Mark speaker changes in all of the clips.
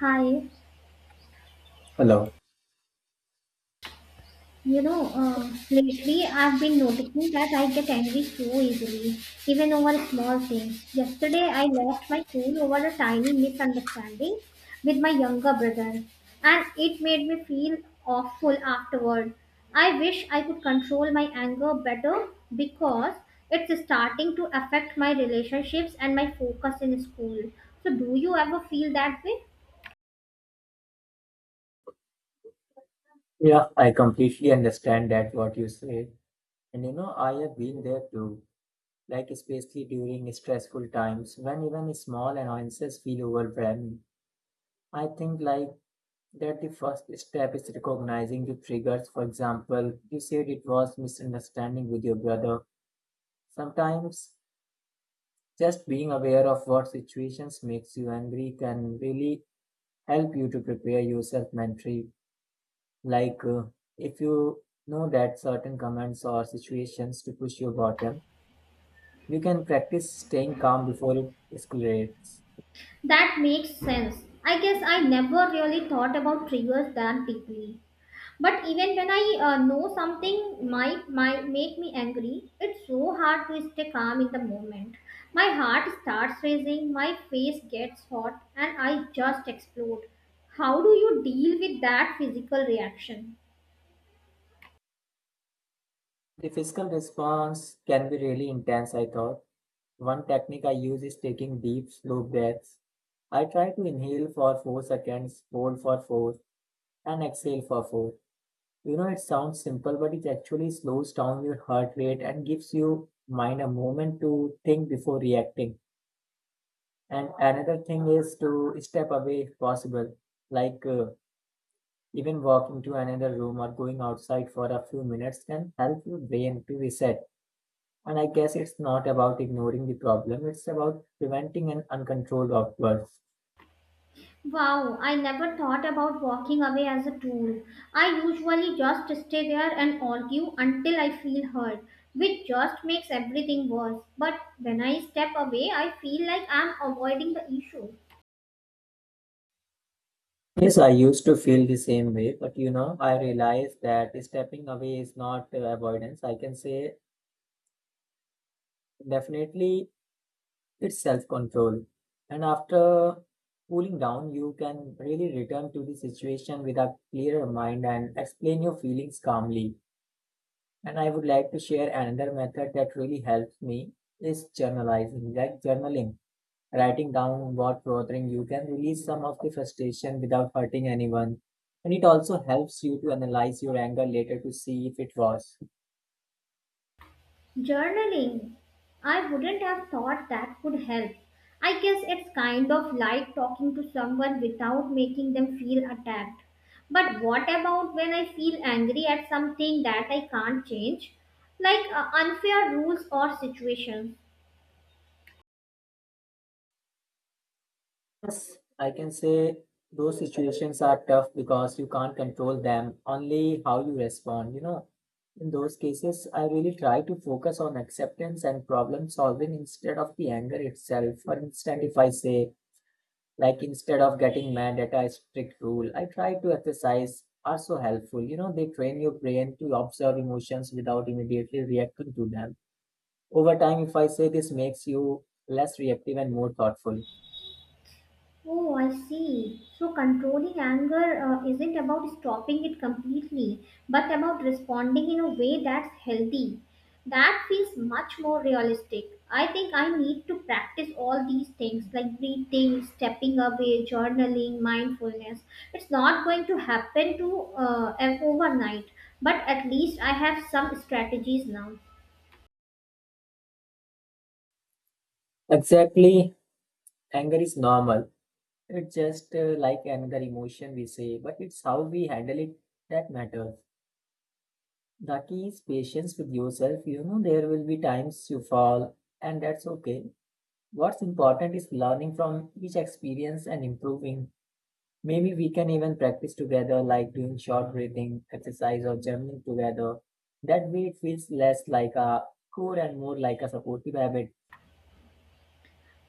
Speaker 1: Hi,
Speaker 2: Hello.
Speaker 1: lately I've been noticing that I get angry so easily, even over small things. Yesterday I lost my cool over a tiny misunderstanding with my younger brother, and it made me feel awful afterward. I wish I could control my anger better because it's starting to affect my relationships and my focus in school. So, do you ever feel that way?
Speaker 2: Yeah, I completely understand that what you said. And you know, I have been there too. Like especially during stressful times when even small annoyances feel overwhelming. I think that the first step is recognizing the triggers. For example, you said it was misunderstanding with your brother. Sometimes just being aware of what situations makes you angry can really help you to prepare yourself mentally. Like, uh, if you know that certain commands or situations to push your bottom, you can practice staying calm before it escalates.
Speaker 1: That makes sense. I guess I never really thought about triggers that deeply. But even when I know something might make me angry, it's so hard to stay calm in the moment. My heart starts racing, my face gets hot, and I just explode. How do you deal with that physical reaction?
Speaker 2: The physical response can be really intense, I thought. One technique I use is taking deep, slow breaths. I try to inhale for 4 seconds, hold for 4, and exhale for 4. You know, it sounds simple, but it actually slows down your heart rate and gives your mind a moment to think before reacting. And another thing is to step away if possible, like uh, even walking to another room or going outside for a few minutes can help your brain to reset. And I guess it's not about ignoring the problem, it's about preventing an uncontrolled outburst.
Speaker 1: Wow, I never thought about walking away as a tool. I usually just stay there and argue until I feel hurt, which just makes everything worse. But when I step away, I feel like I'm avoiding the issue.
Speaker 2: Yes, I used to feel the same way, but you know, I realized that stepping away is not avoidance. I can say definitely it's self-control. And after cooling down, you can really return to the situation with a clearer mind and explain your feelings calmly. And I would like to share another method that really helps me is journalizing, like journaling, writing down what's bothering you can release some of the frustration without hurting anyone. And it also helps you to analyze your anger later to see if it was.
Speaker 1: Journaling. I wouldn't have thought that could help. I guess it's kind of like talking to someone without making them feel attacked. But what about when I feel angry at something that I can't change? Like unfair rules or situations?
Speaker 2: Yes, I can say those situations are tough because you can't control them, only how you respond. You know, in those cases, I really try to focus on acceptance and problem solving instead of the anger itself. For instance, if I say, like, instead of getting mad at a strict rule, I try to exercise are so helpful. You know, they train your brain to observe emotions without immediately reacting to them. Over time, if I say this makes you less reactive and more thoughtful.
Speaker 1: Oh, I see. So controlling anger isn't about stopping it completely, but about responding in a way that's healthy. That feels much more realistic. I think I need to practice all these things like breathing, stepping away, journaling, mindfulness. It's not going to happen to overnight, but at least I have some strategies now.
Speaker 2: Exactly. Anger is normal. It's just like another emotion we say, but it's how we handle it that matters. The key is patience with yourself. You know, there will be times you fall, and that's okay. What's important is learning from each experience and improving. Maybe we can even practice together, like doing short breathing exercise or journaling together. That way, it feels less like a chore and more like a supportive habit.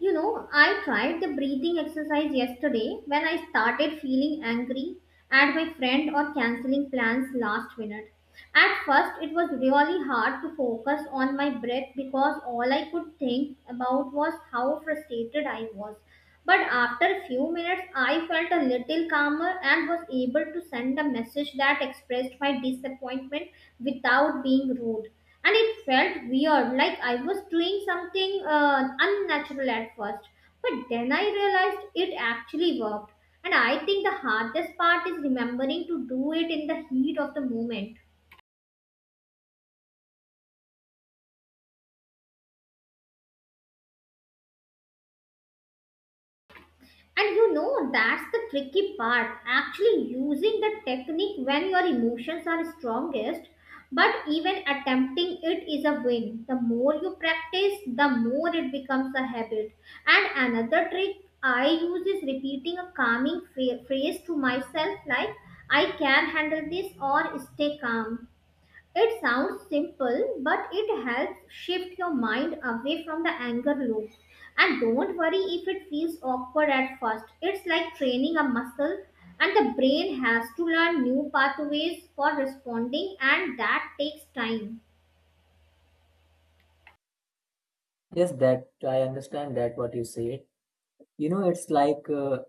Speaker 1: You know, I tried the breathing exercise yesterday when I started feeling angry at my friend or canceling plans last minute. At first, it was really hard to focus on my breath because all I could think about was how frustrated I was. But after a few minutes, I felt a little calmer and was able to send a message that expressed my disappointment without being rude, and it felt weird, like I was doing something unnatural at first, but then I realized it actually worked. And I think the hardest part is remembering to do it in the heat of the moment. And you know, that's the tricky part. Actually, using the technique when your emotions are strongest, but even attempting it is a win. The more you practice, the more it becomes a habit. And another trick I use is repeating a calming phrase to myself, like, I can handle this, or stay calm. It sounds simple, but it helps shift your mind away from the anger loop. And don't worry if it feels awkward at first. It's like training a muscle, and the brain has to learn new pathways for responding, and that takes time.
Speaker 2: Yes, that I understand that what you said. You know, it's like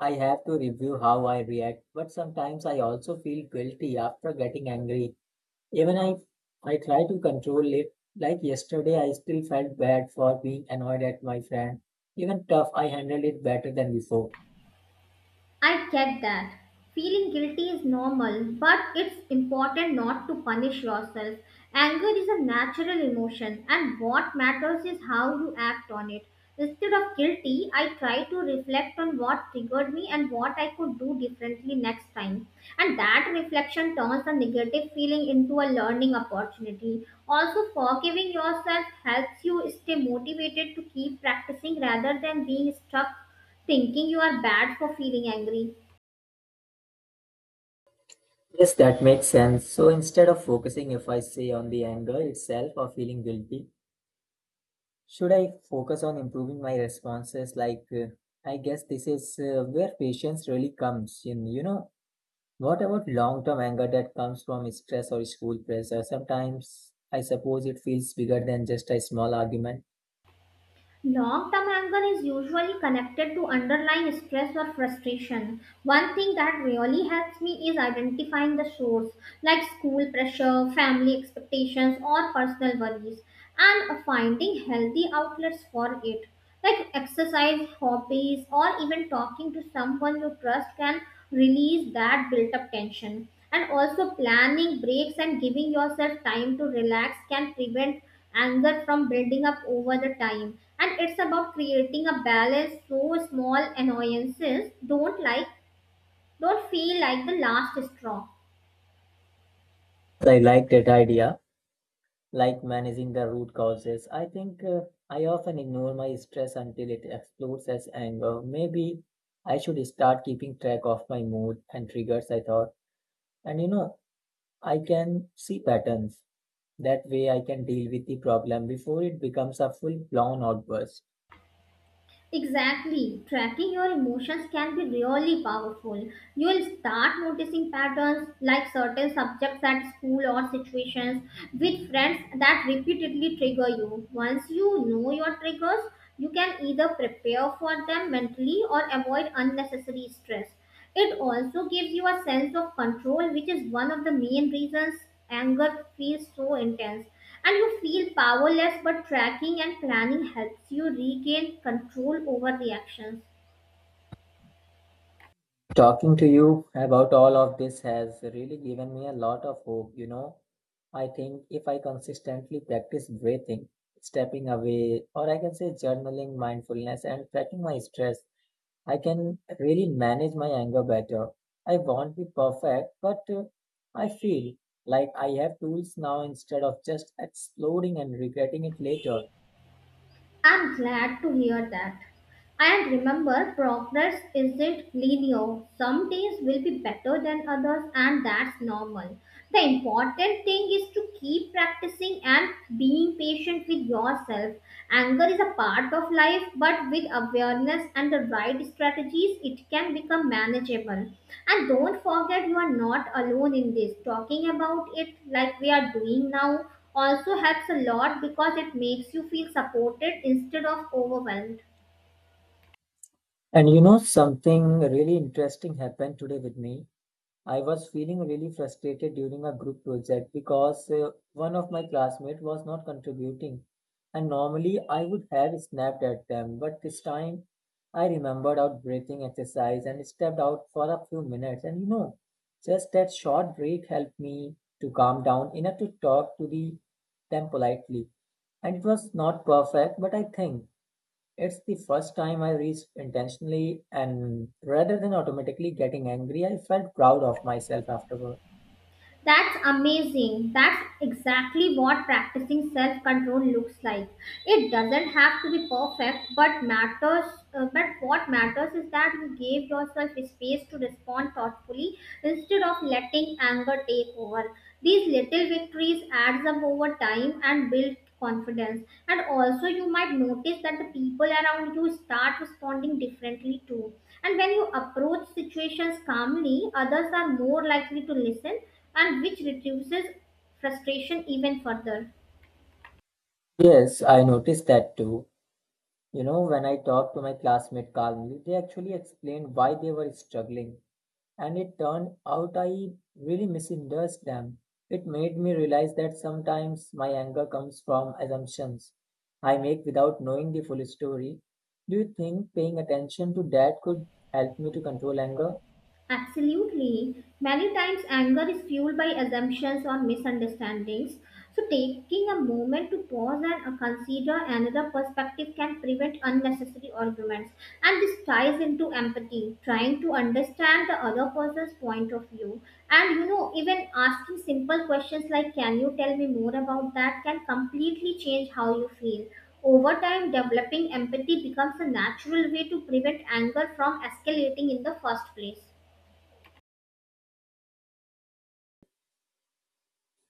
Speaker 2: I have to review how I react, but sometimes I also feel guilty after getting angry. Even I try to control it. Like yesterday, I still felt bad for being annoyed at my friend. Even tough, I handled it better than before.
Speaker 1: I get that. Feeling guilty is normal, but it's important not to punish yourself. Anger is a natural emotion, and what matters is how you act on it. Instead of guilty, I try to reflect on what triggered me and what I could do differently next time. And that reflection turns a negative feeling into a learning opportunity. Also, forgiving yourself helps you stay motivated to keep practicing rather than being stuck thinking you are bad for feeling angry.
Speaker 2: Yes, that makes sense. So instead of focusing, if I say on the anger itself or feeling guilty, should I focus on improving my responses? I guess this is where patience really comes in. You know, what about long term anger that comes from stress or school pressure? Sometimes I suppose it feels bigger than just a small argument.
Speaker 1: Long term anger is usually connected to underlying stress or frustration. One thing that really helps me is identifying the source, like school pressure, family expectations, or personal worries, and finding healthy outlets for it. Like exercise, hobbies, or even talking to someone you trust can release that built up tension. And also, planning breaks and giving yourself time to relax can prevent anger from building up over the time. And it's about creating a balance, so small annoyances don't feel like the last straw.
Speaker 2: I like that idea, like managing the root causes. I often ignore my stress until it explodes as anger. Maybe I should start keeping track of my mood and triggers, I thought. And you know, I can see patterns. That way I can deal with the problem before it becomes a full blown outburst.
Speaker 1: Exactly, tracking your emotions can be really powerful. You'll start noticing patterns, like certain subjects at school or situations with friends that repeatedly trigger you. Once you know your triggers, you can either prepare for them mentally or avoid unnecessary stress. It also gives you a sense of control, which is one of the main reasons anger feels so intense. And you feel powerless, but tracking and planning helps you regain control over reactions.
Speaker 2: Talking to you about all of this has really given me a lot of hope. You know, I think if I consistently practice breathing, stepping away, or I can say journaling, mindfulness, and tracking my stress, I can really manage my anger better. I won't be perfect, but I feel like I have tools now instead of just exploding and regretting it later.
Speaker 1: I'm glad to hear that. And remember, progress isn't linear. Some days will be better than others, and that's normal. The important thing is to keep practicing and being patient with yourself. Anger is a part of life, but with awareness and the right strategies, it can become manageable. And don't forget, you are not alone in this. Talking about it like we are doing now also helps a lot because it makes you feel supported instead of overwhelmed.
Speaker 2: And you know, something really interesting happened today with me. I was feeling really frustrated during a group project because one of my classmates was not contributing. And normally I would have snapped at them, but this time I remembered out breathing exercise and stepped out for a few minutes. And you know, just that short break helped me to calm down enough to talk to them politely. And it was not perfect, but I think it's the first time I reached intentionally, and rather than automatically getting angry, I felt proud of myself afterward.
Speaker 1: That's amazing. That's exactly what practicing self control looks like. It doesn't have to be perfect, but what matters is that you gave yourself space to respond thoughtfully instead of letting anger take over. These little victories adds up over time and build confidence. And also you might notice that the people around you start responding differently too. And when you approach situations calmly, others are more likely to listen, and which reduces frustration even further.
Speaker 2: Yes, I noticed that too. You know, when I talked to my classmate calmly, they actually explained why they were struggling, and it turned out I really misunderstood them. It made me realize that sometimes my anger comes from assumptions I make without knowing the full story. Do you think paying attention to that could help me to control anger?
Speaker 1: Absolutely. Many times anger is fueled by assumptions or misunderstandings. So, taking a moment to pause and consider another perspective can prevent unnecessary arguments. And this ties into empathy, trying to understand the other person's point of view. And you know, even asking simple questions like, can you tell me more about that? Can completely change how you feel. Over time, developing empathy becomes a natural way to prevent anger from escalating in the first place.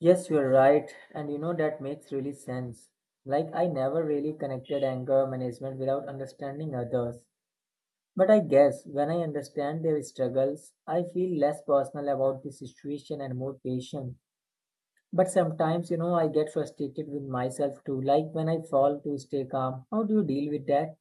Speaker 2: Yes, you're right. And you know, that makes really sense. Like, I never really connected anger management without understanding others. But I guess when I understand their struggles, I feel less personal about the situation and more patient. But sometimes, you know, I get frustrated with myself too. Like, when I fall to stay calm, how do you deal with that?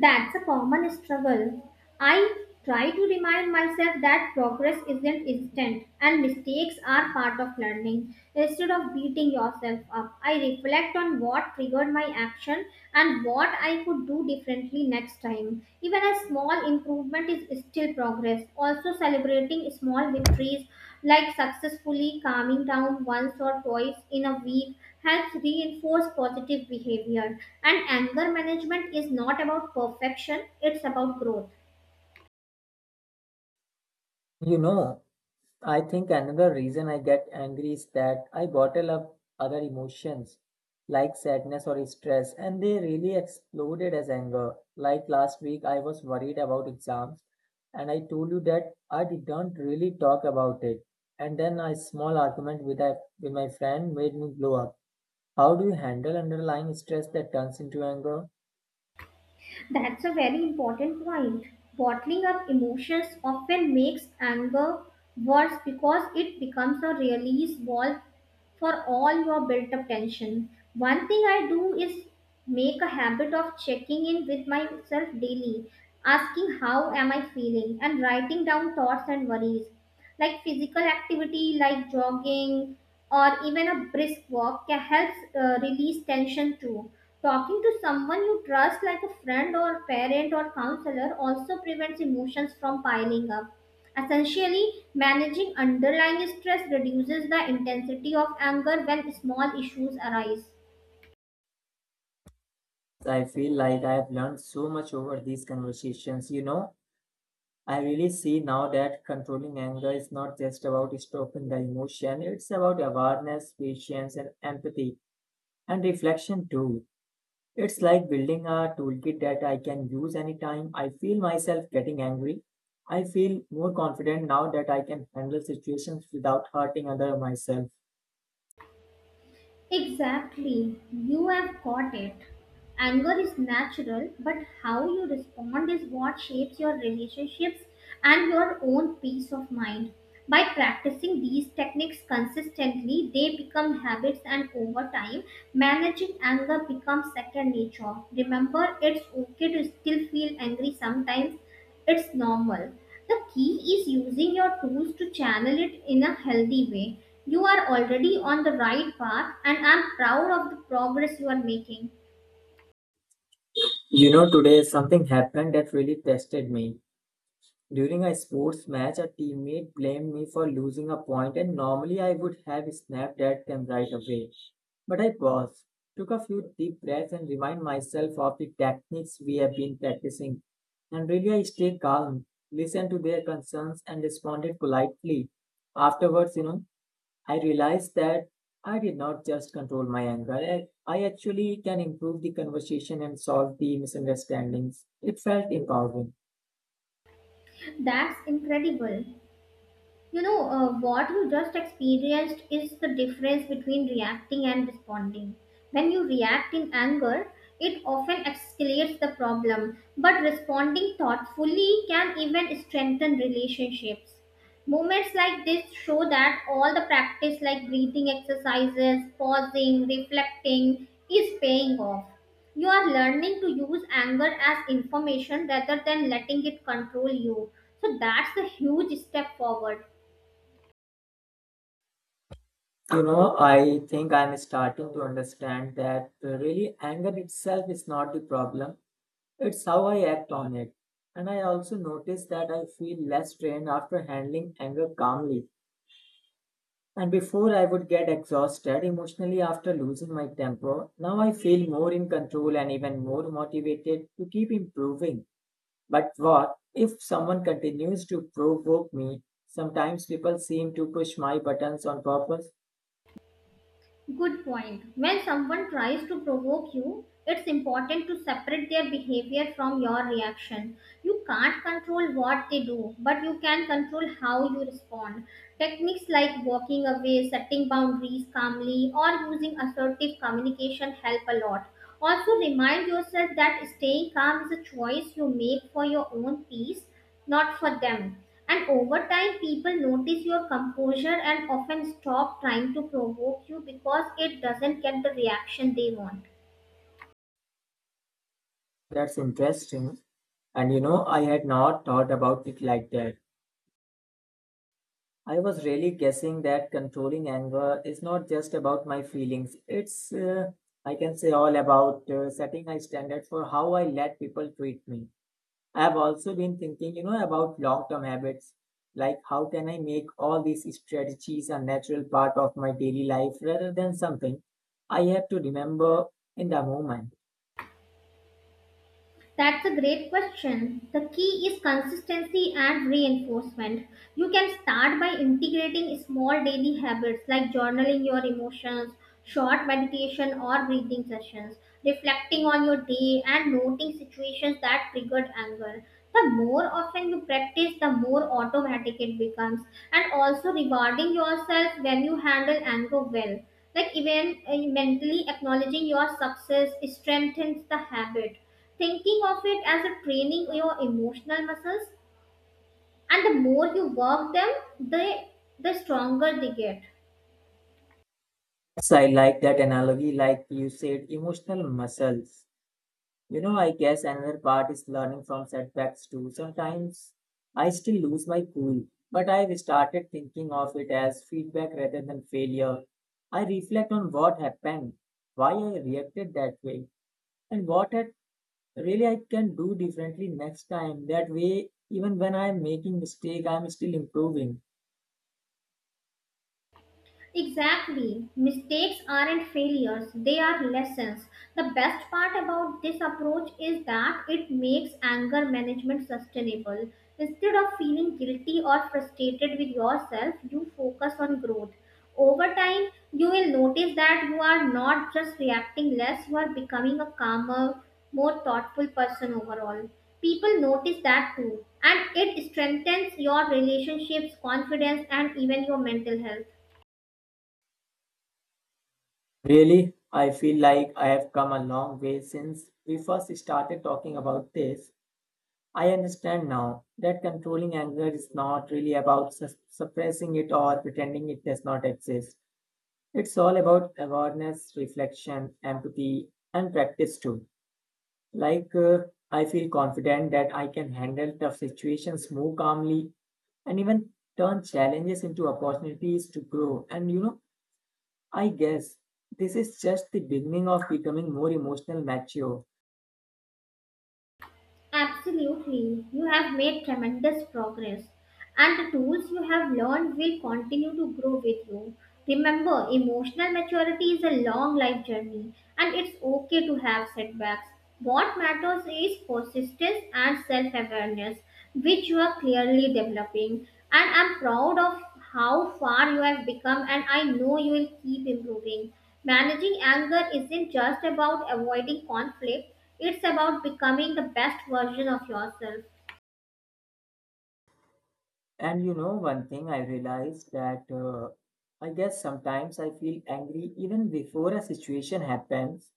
Speaker 1: That's a common struggle. I try to remind myself that progress isn't instant and mistakes are part of learning. Instead of beating yourself up, I reflect on what triggered my action and what I could do differently next time. Even a small improvement is still progress. Also, celebrating small victories, like successfully calming down once or twice in a week, helps reinforce positive behavior. And anger management is not about perfection, it's about growth.
Speaker 2: You know, I think another reason I get angry is that I bottle up other emotions like sadness or stress, and they really exploded as anger. Like last week, I was worried about exams, and I told you that I didn't really talk about it. And then a small argument with my friend made me blow up. How do you handle underlying stress that turns into anger?
Speaker 1: That's a very important point. Bottling up emotions often makes anger worse because it becomes a release valve for all your built up tension. One thing I do is make a habit of checking in with myself daily, asking how am I feeling and writing down thoughts and worries. Like physical activity like jogging or even a brisk walk can help release tension too. Talking to someone you trust like a friend or parent or counselor also prevents emotions from piling up. Essentially, managing underlying stress reduces the intensity of anger when small issues arise.
Speaker 2: I feel like I have learned so much over these conversations, you know. I really see now that controlling anger is not just about stopping the emotion, it's about awareness, patience, and empathy, and reflection too. It's like building a toolkit that I can use anytime I feel myself getting angry. I feel more confident now that I can handle situations without hurting other myself.
Speaker 1: Exactly, you have got it. Anger is natural, but how you respond is what shapes your relationships and your own peace of mind. By practicing these techniques consistently, they become habits, and over time, managing anger becomes second nature. Remember, it's okay to still feel angry sometimes. It's normal. The key is using your tools to channel it in a healthy way. You are already on the right path, and I'm proud of the progress you are making.
Speaker 2: You know, today something happened that really tested me. During a sports match, a teammate blamed me for losing a point, and normally I would have snapped at them right away. But I paused, took a few deep breaths, and reminded myself of the techniques we have been practicing. And really, I stayed calm, listened to their concerns, and responded politely. Afterwards, you know, I realized that I did not just control my anger. I actually can improve the conversation and solve the misunderstandings. It felt empowering.
Speaker 1: That's incredible. You know, what you just experienced is the difference between reacting and responding. When you react in anger, it often escalates the problem, but responding thoughtfully can even strengthen relationships. Moments like this show that all the practice, like breathing exercises, pausing, reflecting, is paying off. You are learning to use anger as information rather than letting it control you. So that's a huge step forward.
Speaker 2: You know, I think I'm starting to understand that really anger itself is not the problem. It's how I act on it. And I also notice that I feel less strained after handling anger calmly. And before I would get exhausted emotionally after losing my temper, now I feel more in control and even more motivated to keep improving. But what if someone continues to provoke me? Sometimes people seem to push my buttons on purpose.
Speaker 1: Good point. When someone tries to provoke you, it's important to separate their behavior from your reaction. You can't control what they do, but you can control how you respond. Techniques like walking away, setting boundaries calmly, or using assertive communication help a lot. Also, remind yourself that staying calm is a choice you make for your own peace, not for them. And over time, people notice your composure and often stop trying to provoke you because it doesn't get the reaction they want.
Speaker 2: That's interesting. And you know, I had not thought about it like that. I was really guessing that controlling anger is not just about my feelings. It's, I can say, all about setting a standard for how I let people treat me. I have also been thinking, you know, about long term habits. Like, how can I make all these strategies a natural part of my daily life rather than something I have to remember in the moment?
Speaker 1: That's a great question. The key is consistency and reinforcement. You can start by integrating small daily habits like journaling your emotions, short meditation or breathing sessions, reflecting on your day, and noting situations that triggered anger. The more often you practice, the more automatic it becomes, and also rewarding yourself when you handle anger well. Like, even mentally acknowledging your success strengthens the habit. Thinking of it as a training your emotional muscles, and the more you work them, the the stronger they get.
Speaker 2: Yes, I like that analogy, like you said, emotional muscles. You know, I guess another part is learning from setbacks too. Sometimes I still lose my cool, but I've started thinking of it as feedback rather than failure. I reflect on what happened, why I reacted that way, and what I really I can do differently next time. That way, even when I'm making mistake, I'm still improving.
Speaker 1: Exactly. Mistakes aren't failures, they are lessons. The best part about this approach is that it makes anger management sustainable. Instead of feeling guilty or frustrated with yourself, you focus on growth. Over time, you will notice that you are not just reacting less, you are becoming a calmer, more thoughtful person overall. People notice that too, and it strengthens your relationships, confidence, and even your mental health.
Speaker 2: Really, I feel like I have come a long way since we first started talking about this. I understand now that controlling anger is not really about suppressing it or pretending it does not exist. It's all about awareness, reflection, empathy, and practice too. Like, uh, I feel confident that I can handle tough situations more calmly and even turn challenges into opportunities to grow. And you know, I guess this is just the beginning of becoming more emotional mature.
Speaker 1: Absolutely, you have made tremendous progress, and the tools you have learned will continue to grow with you. Remember, emotional maturity is a long life journey, and it's okay to have setbacks. What matters is persistence and self awareness, which you are clearly developing. And I'm proud of how far you have become, and I know you will keep improving. Managing anger isn't just about avoiding conflict, it's about becoming the best version of yourself.
Speaker 2: And you know, one thing I realized that I guess sometimes I feel angry even before a situation happens.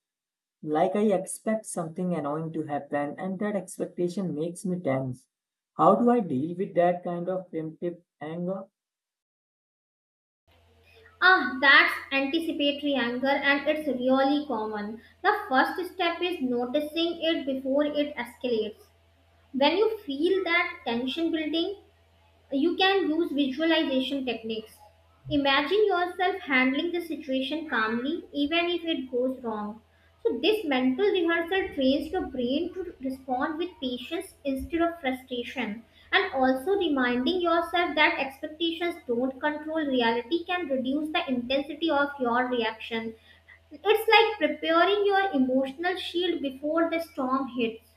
Speaker 2: Like I expect something annoying to happen, and that expectation makes me tense. How do I deal with that kind of primitive anger?
Speaker 1: Ah, that's anticipatory anger, and it's really common. The first step is noticing it before it escalates. When you feel that tension building, you can use visualization techniques. Imagine yourself handling the situation calmly, even if it goes wrong. So, this mental rehearsal trains your brain to respond with patience instead of frustration. And also, reminding yourself that expectations don't control reality can reduce the intensity of your reaction. It's like preparing your emotional shield before the storm hits.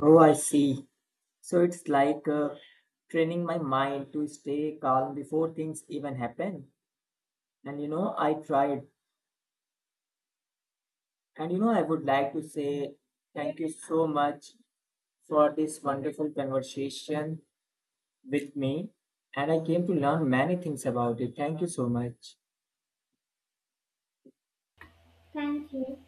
Speaker 2: Oh, I see. So it's like training my mind to stay calm before things even happen. And you know, I tried And you know, I would like to say thank you so much for this wonderful conversation with me. And I came to learn many things about it. Thank you so much.
Speaker 1: Thank you.